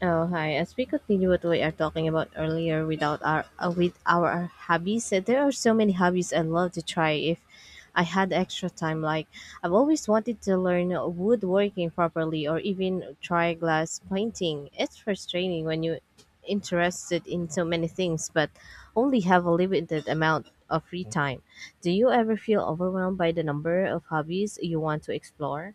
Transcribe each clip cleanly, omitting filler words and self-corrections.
Oh, hi. As we continue what we are talking about earlier without our with our hobbies, there are so many hobbies I'd love to try if I had extra time. Like I've always wanted to learn woodworking properly or even try glass painting. It's frustrating when you're interested in so many things but only have a limited amount of free time. Do you ever feel overwhelmed by the number of hobbies you want to explore?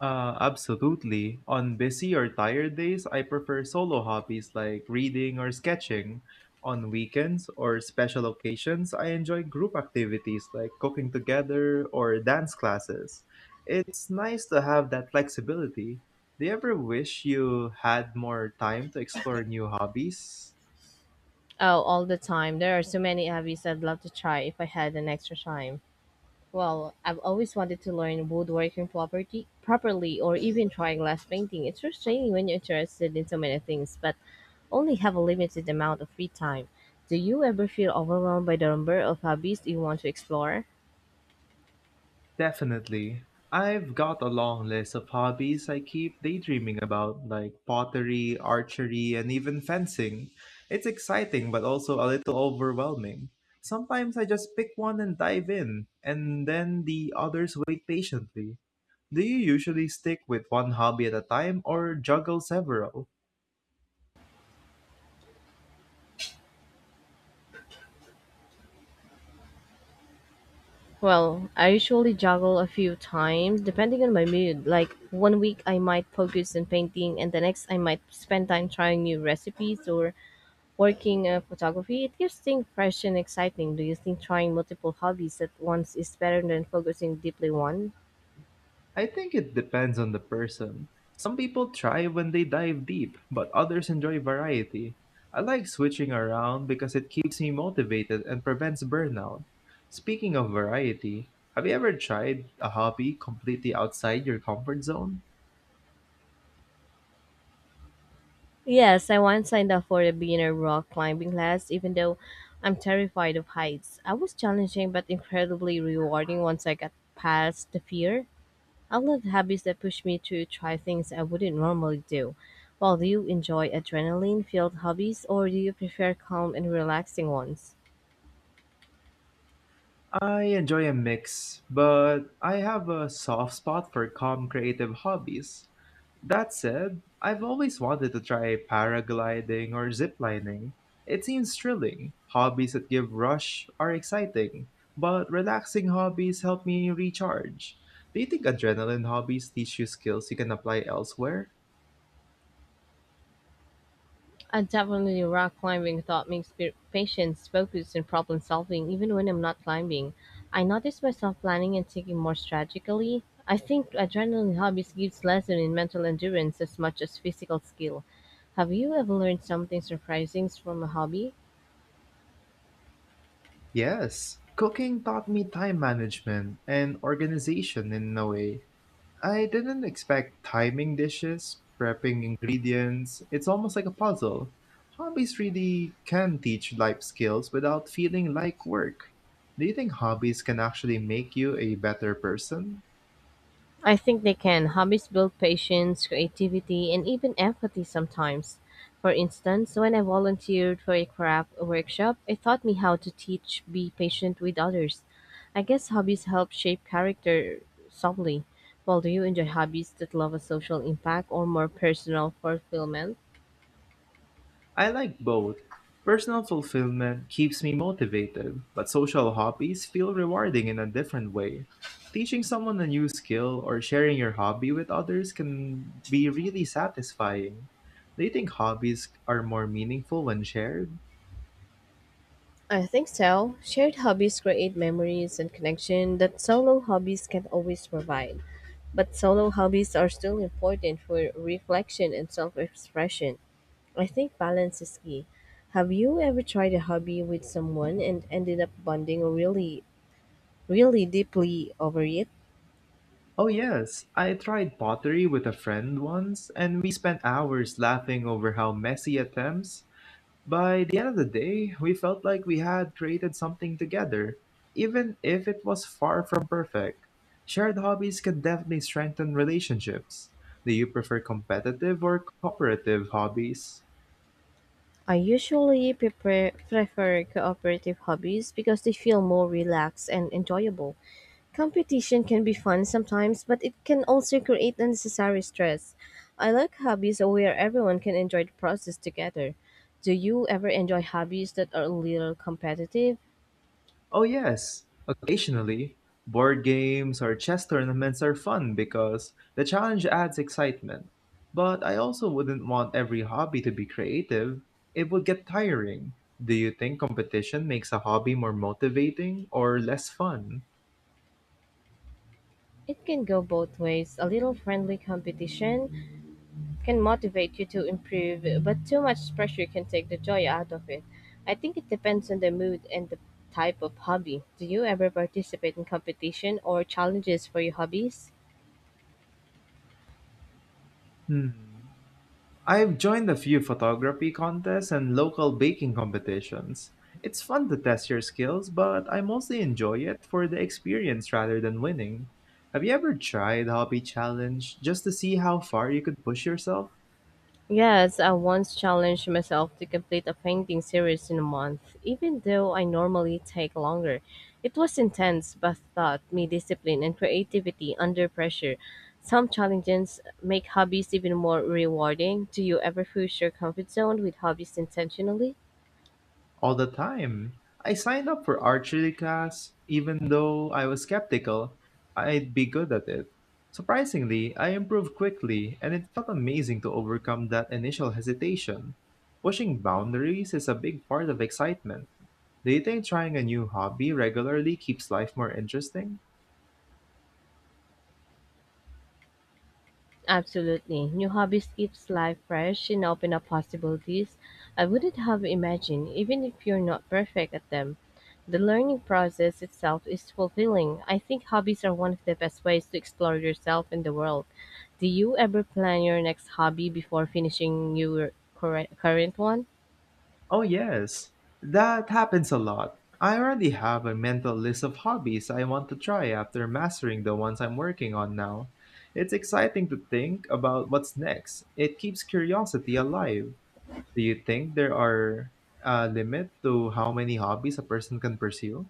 Absolutely. On busy or tired days, I prefer solo hobbies like reading or sketching. On weekends or special occasions, I enjoy group activities like cooking together or dance classes. It's nice to have that flexibility. Do you ever wish you had more time to explore new hobbies? Oh, all the time. There are so many hobbies I'd love to try if I had an extra time. Well, I've always wanted to learn woodworking property properly or even try glass painting. It's frustrating when you're interested in so many things, but only have a limited amount of free time. Do you ever feel overwhelmed by the number of hobbies you want to explore? Definitely. I've got a long list of hobbies I keep daydreaming about, like pottery, archery, and even fencing. It's exciting, but also a little overwhelming. Sometimes I just pick one and dive in, and then the others wait patiently. Do you usually stick with one hobby at a time or juggle several? Well, I usually juggle a few times depending on my mood. Like one week I might focus on painting and the next I might spend time trying new recipes or working photography. It keeps things fresh and exciting. Do you think trying multiple hobbies at once is better than focusing deeply one? I think it depends on the person. Some people thrive when they dive deep, but others enjoy variety. I like switching around because it keeps me motivated and prevents burnout. Speaking of variety, have you ever tried a hobby completely outside your comfort zone? Yes, I once signed up for a beginner rock climbing class, even though I'm terrified of heights. I was challenging but incredibly rewarding once I got past the fear. I love hobbies that push me to try things I wouldn't normally do. Well, do you enjoy adrenaline filled hobbies or do you prefer calm and relaxing ones? I enjoy a mix, but I have a soft spot for calm creative hobbies. That said, I've always wanted to try paragliding or ziplining. It seems thrilling. Hobbies that give rush are exciting, but relaxing hobbies help me recharge. Do you think adrenaline hobbies teach you skills you can apply elsewhere? Definitely, rock climbing thought makes patience, focus, and problem solving, even when I'm not climbing. I notice myself planning and thinking more strategically. I think adrenaline hobbies gives lesson in mental endurance as much as physical skill. Have you ever learned something surprising from a hobby? Yes. Cooking taught me time management and organization in a way. I didn't expect timing dishes, prepping ingredients. It's almost like a puzzle. Hobbies really can teach life skills without feeling like work. Do you think hobbies can actually make you a better person? I think they can. Hobbies build patience, creativity, and even empathy sometimes. For instance, when I volunteered for a craft workshop, it taught me how to teach, be patient with others. I guess hobbies help shape character subtly. Well, do you enjoy hobbies that love a social impact or more personal fulfillment? I like both. Personal fulfillment keeps me motivated, but social hobbies feel rewarding in a different way. Teaching someone a new skill or sharing your hobby with others can be really satisfying. Do you think hobbies are more meaningful when shared? I think so. Shared hobbies create memories and connection that solo hobbies can't always provide. But solo hobbies are still important for reflection and self expression. I think balance is key. Have you ever tried a hobby with someone and ended up bonding really, really deeply over it? Oh, yes. I tried pottery with a friend once, and we spent hours laughing over how messy attempts. By the end of the day, we felt like we had created something together, even if it was far from perfect. Shared hobbies can definitely strengthen relationships. Do you prefer competitive or cooperative hobbies? I usually prefer cooperative hobbies because they feel more relaxed and enjoyable. Competition can be fun sometimes, but it can also create unnecessary stress. I like hobbies where everyone can enjoy the process together. Do you ever enjoy hobbies that are a little competitive? Oh, yes. Occasionally, board games or chess tournaments are fun because the challenge adds excitement. But I also wouldn't want every hobby to be creative, it would get tiring. Do you think competition makes a hobby more motivating or less fun? It can go both ways. A little friendly competition can motivate you to improve, but too much pressure can take the joy out of it. I think it depends on the mood and the type of hobby. Do you ever participate in competition or challenges for your hobbies? Hmm. I've joined a few photography contests and local baking competitions. It's fun to test your skills, but I mostly enjoy it for the experience rather than winning. Have you ever tried hobby challenge just to see how far you could push yourself? Yes, I once challenged myself to complete a painting series in a month, even though I normally take longer. It was intense, but taught me discipline and creativity under pressure. Some challenges make hobbies even more rewarding. Do you ever push your comfort zone with hobbies intentionally? All the time. I signed up for archery class, even though I was skeptical I'd be good at it. Surprisingly, I improved quickly, and it felt amazing to overcome that initial hesitation. Pushing boundaries is a big part of excitement. Do you think trying a new hobby regularly keeps life more interesting? Absolutely. New hobbies keeps life fresh and open up possibilities I wouldn't have imagined, even if you're not perfect at them. The learning process itself is fulfilling. I think hobbies are one of the best ways to explore yourself and the world. Do you ever plan your next hobby before finishing your current one? Oh, yes, that happens a lot. I already have a mental list of hobbies I want to try after mastering the ones I'm working on now. It's exciting to think about what's next. It keeps curiosity alive. Do you think there are a limit to how many hobbies a person can pursue?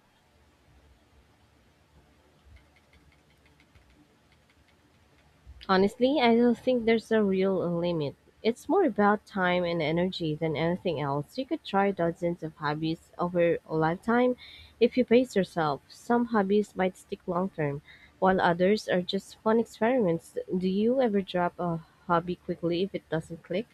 Honestly, I don't think there's a real limit. It's more about time and energy than anything else. You could try dozens of hobbies over a lifetime if you pace yourself. Some hobbies might stick long term, while others are just fun experiments. Do you ever drop a hobby quickly if it doesn't click?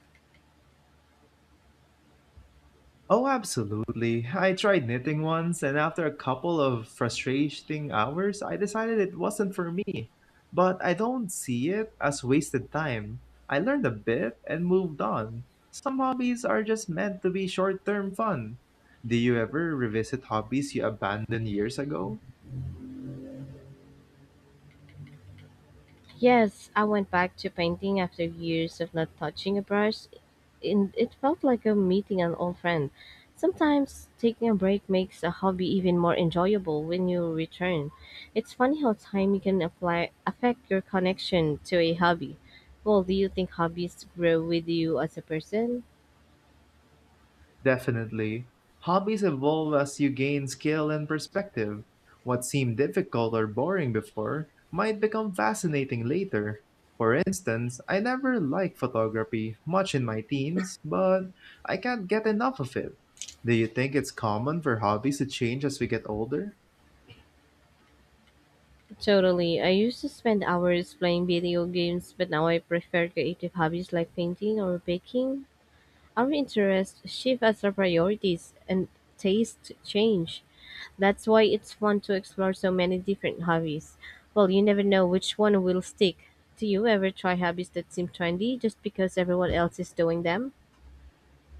Oh, absolutely. I tried knitting once, and after a couple of frustrating hours, I decided it wasn't for me. But I don't see it as wasted time. I learned a bit and moved on. Some hobbies are just meant to be short term fun. Do you ever revisit hobbies you abandoned years ago? Yes, I went back to painting after years of not touching a brush. And it felt like a meeting an old friend. Sometimes taking a break makes a hobby even more enjoyable when you return. It's funny how time can apply affect your connection to a hobby. Well, do you think hobbies grow with you as a person? Definitely. Hobbies evolve as you gain skill and perspective. What seemed difficult or boring before might become fascinating later. For instance, I never liked photography much in my teens, but I can't get enough of it. Do you think it's common for hobbies to change as we get older? Totally. I used to spend hours playing video games, but now I prefer creative hobbies like painting or baking. Our interests shift as our priorities and tastes change. That's why it's fun to explore so many different hobbies. Well, you never know which one will stick. Do you ever try hobbies that seem trendy just because everyone else is doing them?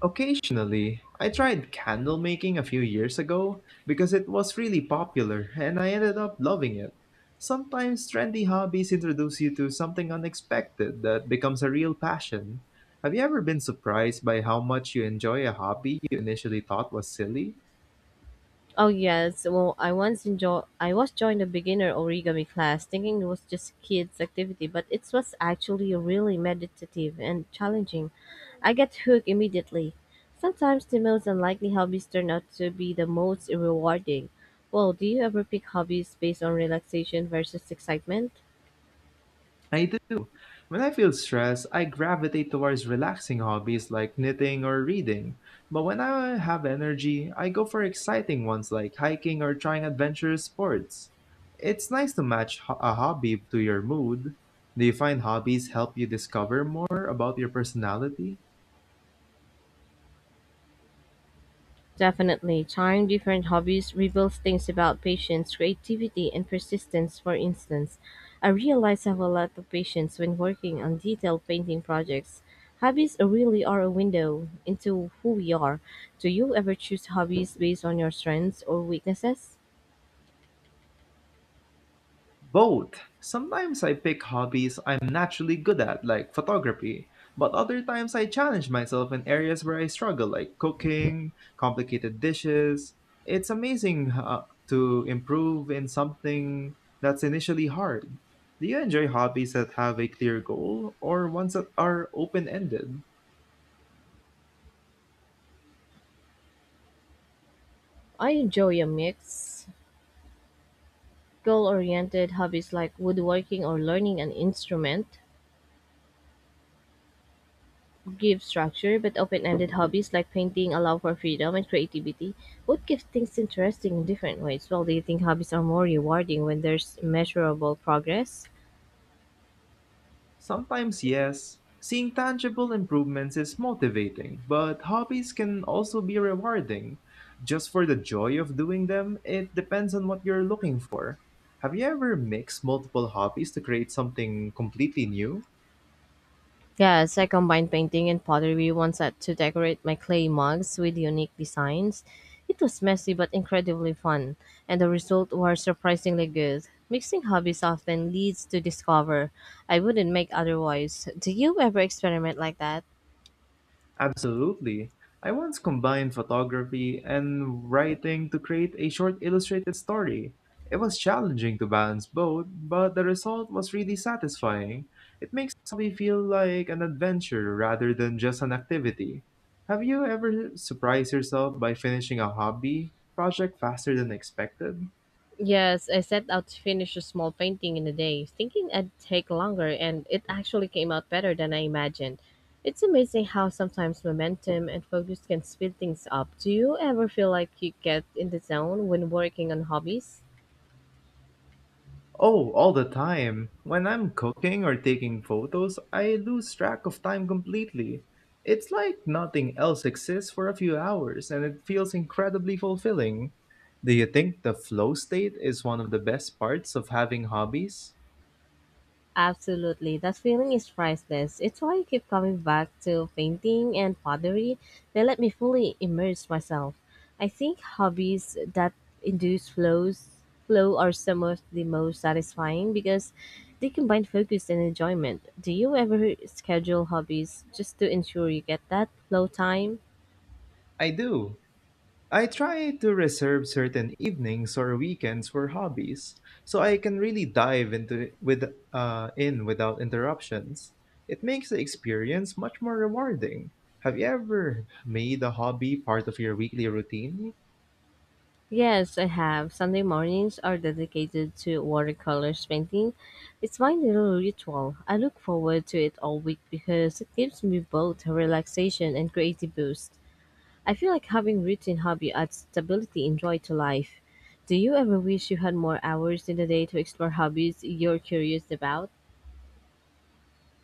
Occasionally, I tried candle making a few years ago because it was really popular and I ended up loving it. Sometimes trendy hobbies introduce you to something unexpected that becomes a real passion. Have you ever been surprised by how much you enjoy a hobby you initially thought was silly? Oh yes, well I once enjoy I was joined a beginner origami class thinking it was just kids activity, but it was actually really meditative and challenging. I get hooked immediately. Sometimes the most unlikely hobbies turn out to be the most rewarding. Well, do you ever pick hobbies based on relaxation versus excitement? I do. When I feel stressed, I gravitate towards relaxing hobbies like knitting or reading. But when I have energy, I go for exciting ones like hiking or trying adventurous sports. It's nice to match a hobby to your mood. Do you find hobbies help you discover more about your personality? Definitely, trying different hobbies reveals things about patience, creativity, and persistence. For instance, I realize I have a lot of patience when working on detailed painting projects. Hobbies really are a window into who we are. Do you ever choose hobbies based on your strengths or weaknesses? Both. Sometimes I pick hobbies I'm naturally good at, like photography, but other times I challenge myself in areas where I struggle, like cooking, complicated dishes. It's amazing to improve in something that's initially hard. Do you enjoy hobbies that have a clear goal or ones that are open ended? I enjoy a mix. Goal oriented hobbies like woodworking or learning an instrument, give structure, but open-ended hobbies like painting allow for freedom and creativity. What gives things interesting in different ways? Well, do you think hobbies are more rewarding when there's measurable progress? Sometimes, yes. Seeing tangible improvements is motivating, but hobbies can also be rewarding. Just for the joy of doing them, it depends on what you're looking for. Have you ever mixed multiple hobbies to create something completely new? Yes, I combined painting and pottery once at to decorate my clay mugs with unique designs. It was messy but incredibly fun, and the result was surprisingly good. Mixing hobbies often leads to discover I wouldn't make otherwise. Do you ever experiment like that? Absolutely. I once combined photography and writing to create a short illustrated story. It was challenging to balance both, but the result was really satisfying. It makes me feel like an adventure rather than just an activity. Have you ever surprised yourself by finishing a hobby project faster than expected? Yes, I set out to finish a small painting in a day, thinking it'd take longer, and it actually came out better than I imagined. It's amazing how sometimes momentum and focus can speed things up. Do you ever feel like you get in the zone when working on hobbies? Oh, all the time. When I'm cooking or taking photos, I lose track of time completely. It's like nothing else exists for a few hours, and it feels incredibly fulfilling. Do you think the flow state is one of the best parts of having hobbies? Absolutely. That feeling is priceless. It's why I keep coming back to painting and pottery. They let me fully immerse myself. I think hobbies that induce flows flow are some of the most satisfying because they combine focus and enjoyment. Do you ever schedule hobbies just to ensure you get that flow time? I do. I try to reserve certain evenings or weekends for hobbies, so I can really dive into with in without interruptions. It makes the experience much more rewarding. Have you ever made a hobby part of your weekly routine? Yes, I have. Sunday mornings are dedicated to watercolors painting. It's my little ritual. I look forward to it all week because it gives me both a relaxation and creative boost. I feel like having routine hobby adds stability and joy to life. Do you ever wish you had more hours in the day to explore hobbies you're curious about?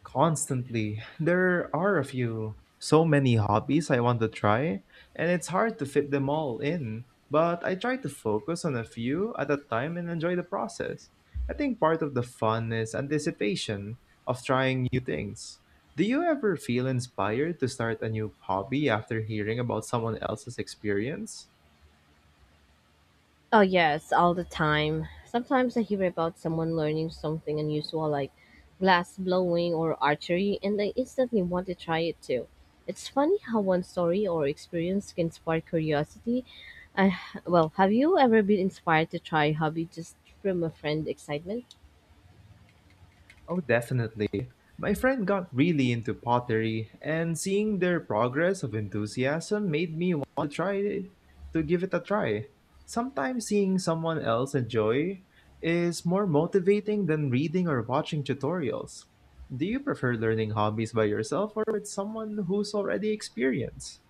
Constantly. There are a few. So many hobbies I want to try, and it's hard to fit them all in. But I try to focus on a few at a time and enjoy the process. I think part of the fun is anticipation of trying new things. Do you ever feel inspired to start a new hobby after hearing about someone else's experience? Oh, yes, all the time. Sometimes I hear about someone learning something unusual like glass blowing or archery, and I instantly want to try it too. It's funny how one story or experience can spark curiosity. I, have you ever been inspired to try a hobby just from a friend excitement? Oh, definitely. My friend got really into pottery, and seeing their progress of enthusiasm made me want to try it, to give it a try. Sometimes seeing someone else enjoy is more motivating than reading or watching tutorials. Do you prefer learning hobbies by yourself or with someone who's already experienced?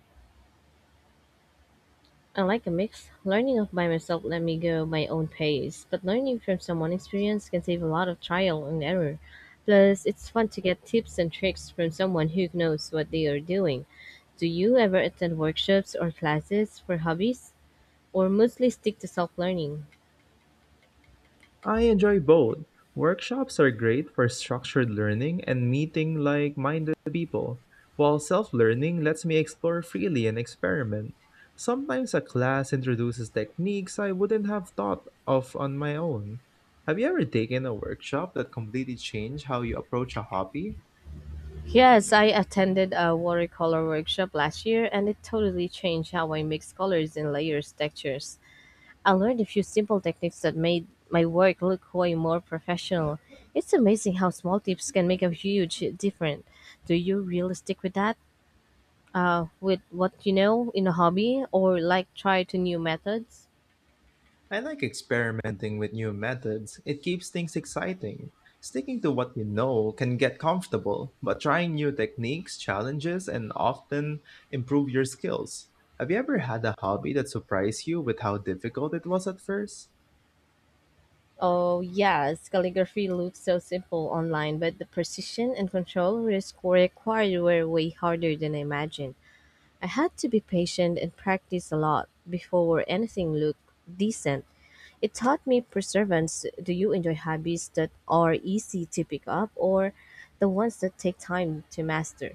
I like a mix. Learning of by myself let me go my own pace, but learning from someone experienced can save a lot of trial and error. Plus, it's fun to get tips and tricks from someone who knows what they are doing. Do you ever attend workshops or classes for hobbies, or mostly stick to self learning? I enjoy both. Workshops are great for structured learning and meeting like minded people, while self learning lets me explore freely and experiment. Sometimes a class introduces techniques I wouldn't have thought of on my own. Have you ever taken a workshop that completely changed how you approach a hobby? Yes, I attended a watercolor workshop last year and it totally changed how I mix colors and layers textures. I learned a few simple techniques that made my work look way more professional. It's amazing how small tips can make a huge difference. Do you really stick with that? With what you know in a hobby or like try to new methods? I like experimenting with new methods. It keeps things exciting. Sticking to what you know can get comfortable, but trying new techniques, challenges, and often improve your skills. Have you ever had a hobby that surprised you with how difficult it was at first? Oh, yes, calligraphy looks so simple online, but the precision and control risk required were way harder than I imagined. I had to be patient and practice a lot before anything looked decent. It taught me perseverance. Do you enjoy hobbies that are easy to pick up or the ones that take time to master?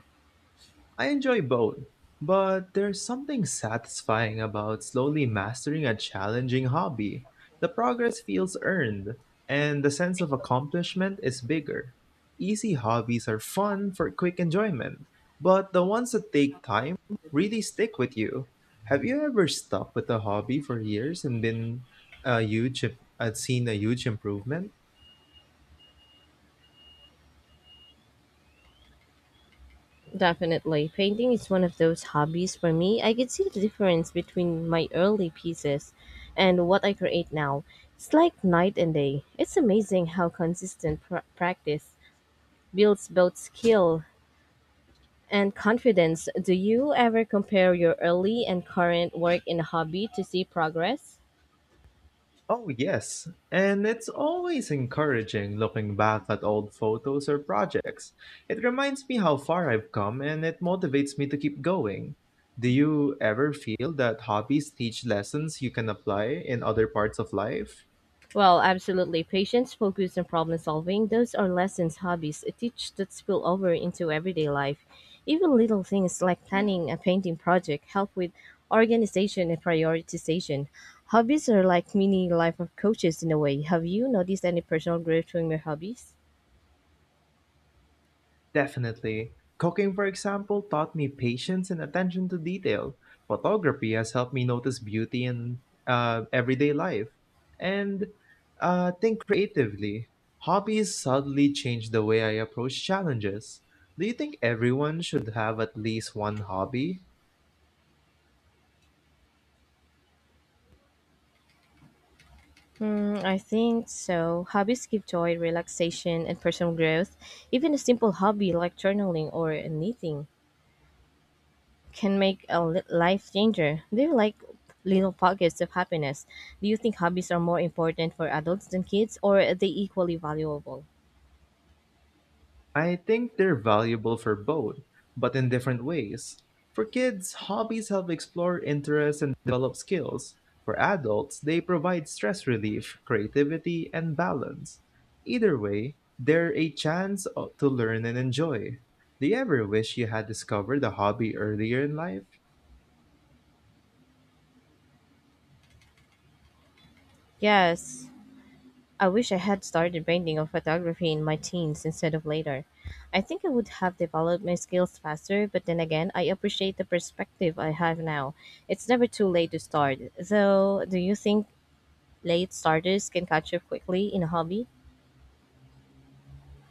I enjoy both, but there's something satisfying about slowly mastering a challenging hobby. The progress feels earned, and the sense of accomplishment is bigger. Easy hobbies are fun for quick enjoyment, but the ones that take time really stick with you. Have you ever stuck with a hobby for years and a huge, I've seen a huge improvement? Definitely. Painting is one of those hobbies for me. I can see the difference between my early pieces and what I create now. It's like night and day. It's amazing how consistent practice builds both skill and confidence. Do you ever compare your early and current work in a hobby to see progress? Oh, yes. And it's always encouraging looking back at old photos or projects. It reminds me how far I've come and it motivates me to keep going. Do you ever feel that hobbies teach lessons you can apply in other parts of life? Well, absolutely. Patience, focus, and problem solving, those are lessons hobbies teach that spill over into everyday life. Even little things like planning a painting project help with organization and prioritization. Hobbies are like mini life of coaches in a way. Have you noticed any personal growth from your hobbies? Definitely. Cooking, for example, taught me patience and attention to detail. Photography has helped me notice beauty in everyday life and think creatively. Hobbies subtly change the way I approach challenges. Do you think everyone should have at least one hobby? Hmm, I think so. Hobbies give joy, relaxation, and personal growth. Even a simple hobby like journaling or knitting can make a life changer. Do you like little pockets of happiness? Do you think hobbies are more important for adults than kids, or are they equally valuable? I think they're valuable for both, but in different ways. For kids, hobbies help explore interests and develop skills. For adults, they provide stress relief, creativity, and balance. Either way, they're a chance to learn and enjoy. Do you ever wish you had discovered a hobby earlier in life? Yes, I wish I had started painting or photography in my teens instead of later. I think I would have developed my skills faster, but then again, I appreciate the perspective I have now. It's never too late to start. Though, do you think late starters can catch up quickly in a hobby?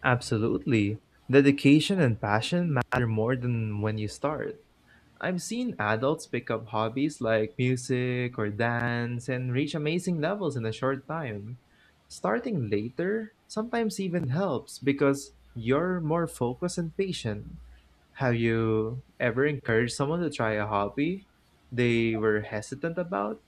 Absolutely. Dedication and passion matter more than when you start. I've seen adults pick up hobbies like music or dance and reach amazing levels in a short time. Starting later sometimes even helps because you're more focused and patient. Have you ever encouraged someone to try a hobby they were hesitant about?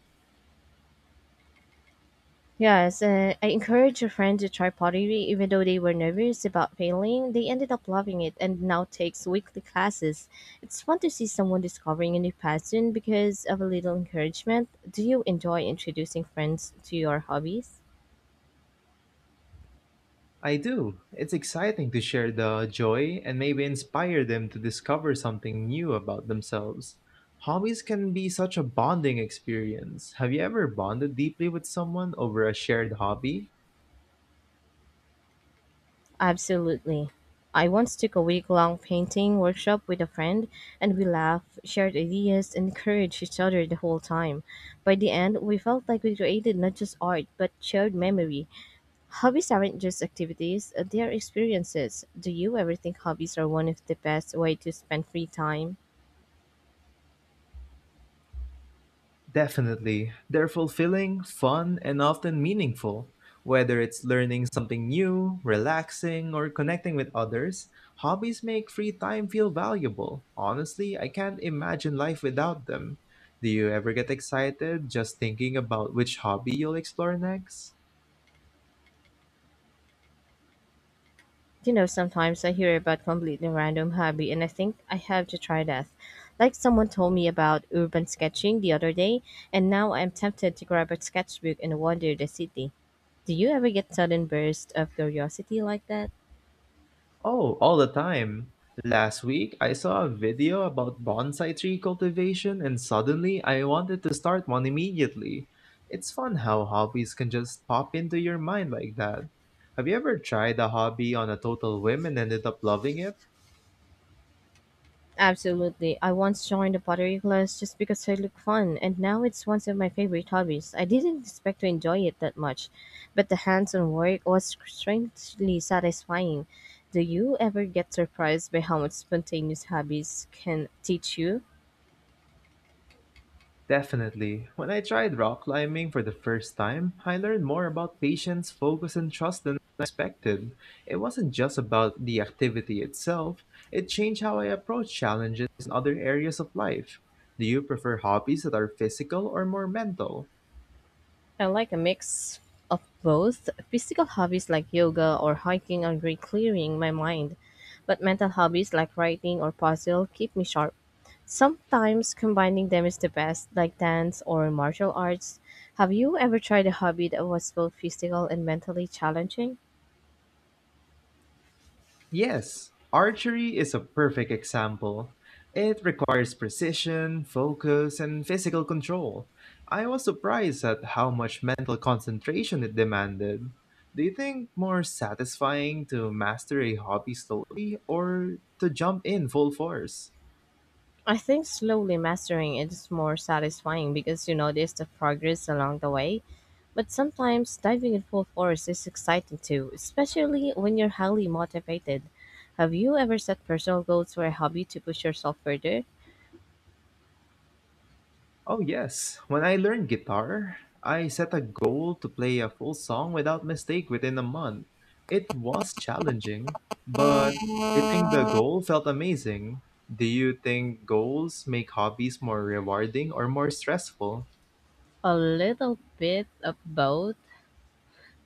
Yes, I encouraged a friend to try pottery even though they were nervous about failing. They ended up loving it and now takes weekly classes. It's fun to see someone discovering a new passion because of a little encouragement. Do you enjoy introducing friends to your hobbies? I do. It's exciting to share the joy and maybe inspire them to discover something new about themselves. Hobbies can be such a bonding experience. Have you ever bonded deeply with someone over a shared hobby? Absolutely. I once took a week long painting workshop with a friend and we laughed, shared ideas, and encouraged each other the whole time. By the end, we felt like we created not just art but shared memory. Hobbies aren't just activities, they are experiences. Do you ever think hobbies are one of the best way to spend free time? Definitely. They're fulfilling, fun, and often meaningful. Whether it's learning something new, relaxing, or connecting with others, hobbies make free time feel valuable. Honestly, I can't imagine life without them. Do you ever get excited just thinking about which hobby you'll explore next? You know, sometimes I hear about completely random hobby and I think I have to try that. Like someone told me about urban sketching the other day, and now I'm tempted to grab a sketchbook and wander the city. Do you ever get sudden bursts of curiosity like that? Oh, all the time. Last week, I saw a video about bonsai tree cultivation, and suddenly I wanted to start one immediately. It's fun how hobbies can just pop into your mind like that. Have you ever tried a hobby on a total whim and ended up loving it? Absolutely. I once joined a pottery class just because it looked fun, and now it's one of my favorite hobbies. I didn't expect to enjoy it that much, but the hands on work was strangely satisfying. Do you ever get surprised by how much spontaneous hobbies can teach you? Definitely. When I tried rock climbing for the first time, I learned more about patience, focus, and trust than I expected. It wasn't just about the activity itself, it changed how I approach challenges in other areas of life. Do you prefer hobbies that are physical or more mental? I like a mix of both. Physical hobbies like yoga or hiking are great clearing my mind, but mental hobbies like writing or puzzle keep me sharp. Sometimes combining them is the best, like dance or martial arts. Have you ever tried a hobby that was both physical and mentally challenging? Yes, archery is a perfect example. It requires precision, focus, and physical control. I was surprised at how much mental concentration it demanded. Do you think more satisfying to master a hobby slowly or to jump in full force? I think slowly mastering it is more satisfying because you notice the progress along the way. But sometimes diving in full force is exciting too, especially when you're highly motivated. Have you ever set personal goals for a hobby to push yourself further? Oh, yes. When I learned guitar, I set a goal to play a full song without mistake within a month. It was challenging, but hitting the goal felt amazing. Do you think goals make hobbies more rewarding or more stressful? A little bit of both.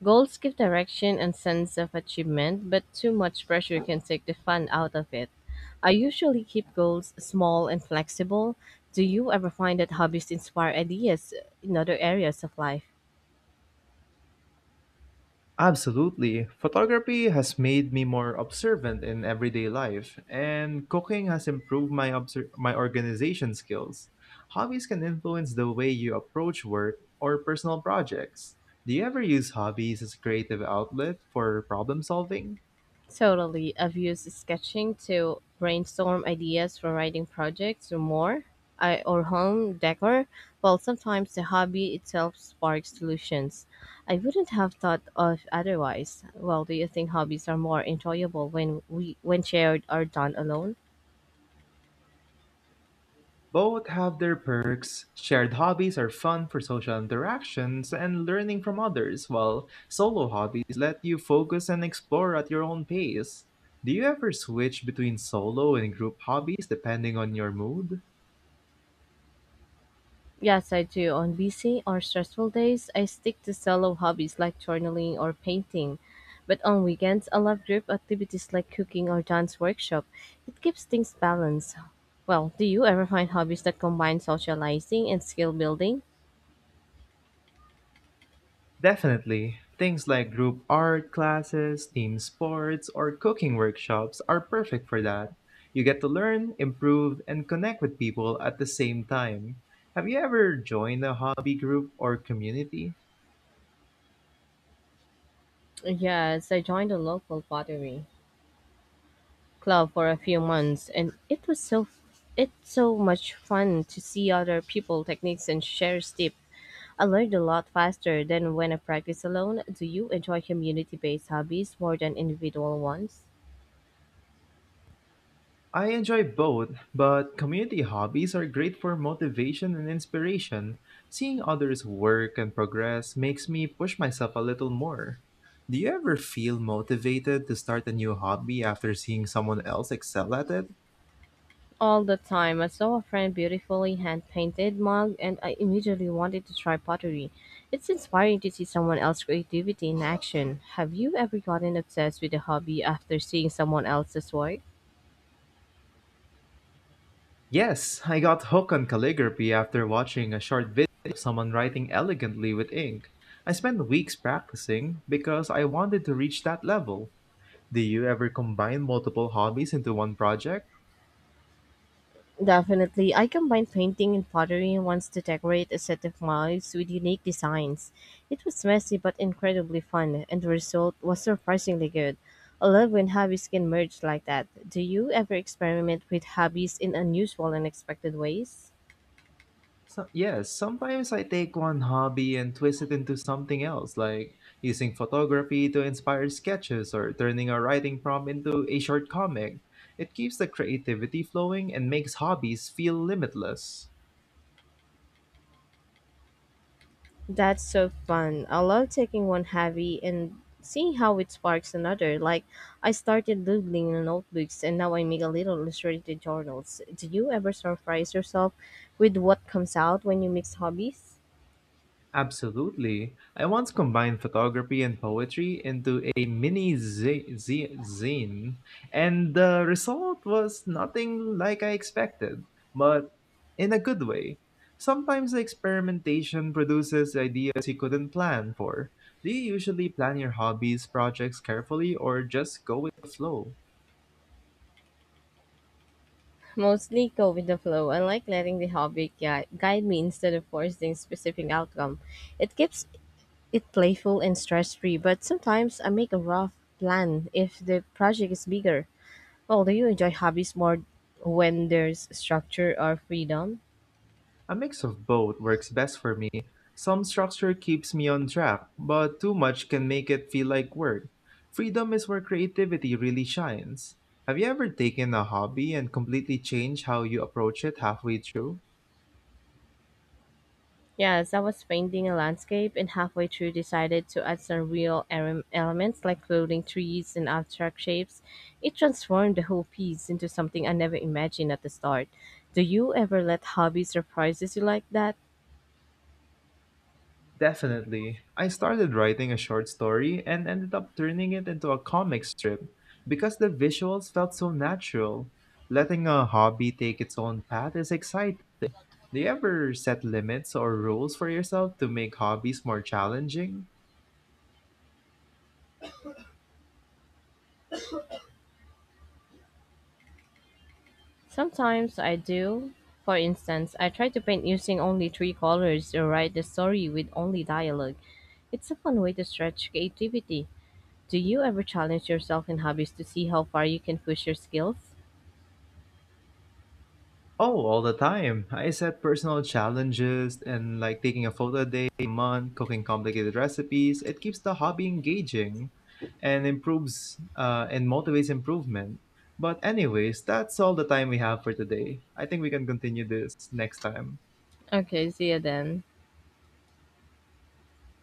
Goals give direction and sense of achievement, but too much pressure can take the fun out of it. I usually keep goals small and flexible. Do you ever find that hobbies inspire ideas in other areas of life? Absolutely. Photography has made me more observant in everyday life, and cooking has improved my organization skills. Hobbies can influence the way you approach work or personal projects. Do you ever use hobbies as a creative outlet for problem solving? Totally. I've used sketching to brainstorm ideas for writing projects or home decor. While sometimes the hobby itself sparks solutions. I wouldn't have thought of otherwise. Well, do you think hobbies are more enjoyable when shared or done alone? Both have their perks. Shared hobbies are fun for social interactions and learning from others, while solo hobbies let you focus and explore at your own pace. Do you ever switch between solo and group hobbies depending on your mood? Yes, I do. On busy or stressful days, I stick to solo hobbies like journaling or painting. But on weekends, I love group activities like cooking or dance workshop. It keeps things balanced. Well, do you ever find hobbies that combine socializing and skill building? Definitely. Things like group art classes, team sports, or cooking workshops are perfect for that. You get to learn, improve, and connect with people at the same time. Have you ever joined a hobby group or community? Yes, I joined a local pottery club for a few months, and it's so much fun to see other people techniques and share tips. I learned a lot faster than when I practice alone. Do you enjoy community based hobbies more than individual ones? I enjoy both, but community hobbies are great for motivation and inspiration. Seeing others work and progress makes me push myself a little more. Do you ever feel motivated to start a new hobby after seeing someone else excel at it? All the time, I saw a friend beautifully hand painted mug and I immediately wanted to try pottery. It's inspiring to see someone else's creativity in action. Have you ever gotten obsessed with a hobby after seeing someone else's work? Yes, I got hooked on calligraphy after watching a short video of someone writing elegantly with ink. I spent weeks practicing because I wanted to reach that level. Do you ever combine multiple hobbies into one project? Definitely. I combined painting and pottery once to decorate a set of mugs with unique designs. It was messy but incredibly fun, and the result was surprisingly good. I love when hobbies can merge like that. Do you ever experiment with hobbies in unusual and unexpected ways? So, yes, sometimes I take one hobby and twist it into something else, like using photography to inspire sketches or turning a writing prompt into a short comic. It keeps the creativity flowing and makes hobbies feel limitless. That's so fun. I love taking one hobby and seeing how it sparks another. Like, I started doodling in notebooks and now I make a little illustrated journals. Do you ever surprise yourself with what comes out when you mix hobbies? Absolutely. I once combined photography and poetry into a mini zine, and the result was nothing like I expected, but in a good way. Sometimes the experimentation produces ideas you couldn't plan for. Do you usually plan your hobbies projects carefully or just go with the flow? Mostly go with the flow. I like letting the hobby guide me instead of forcing specific outcome. It keeps it playful and stress free, but sometimes I make a rough plan if the project is bigger. Well, do you enjoy hobbies more when there's structure or freedom? A mix of both works best for me. Some structure keeps me on track, but too much can make it feel like work. Freedom is where creativity really shines. Have you ever taken a hobby and completely changed how you approach it halfway through? Yes, I was painting a landscape and halfway through decided to add some real elements like floating trees and abstract shapes. It transformed the whole piece into something I never imagined at the start. Do you ever let hobbies surprises you like that? Definitely. I started writing a short story and ended up turning it into a comic strip because the visuals felt so natural. Letting a hobby take its own path is exciting. Do you ever set limits or rules for yourself to make hobbies more challenging? Sometimes I do. For instance, I try to paint using only 3 colors or write the story with only dialogue. It's a fun way to stretch creativity. Do you ever challenge yourself in hobbies to see how far you can push your skills? Oh, all the time. I set personal challenges and like taking a photo a day, a month, cooking complicated recipes. It keeps the hobby engaging and improves and motivates improvement. But anyways, that's all the time we have for today. I think we can continue this next time. Okay, see you then.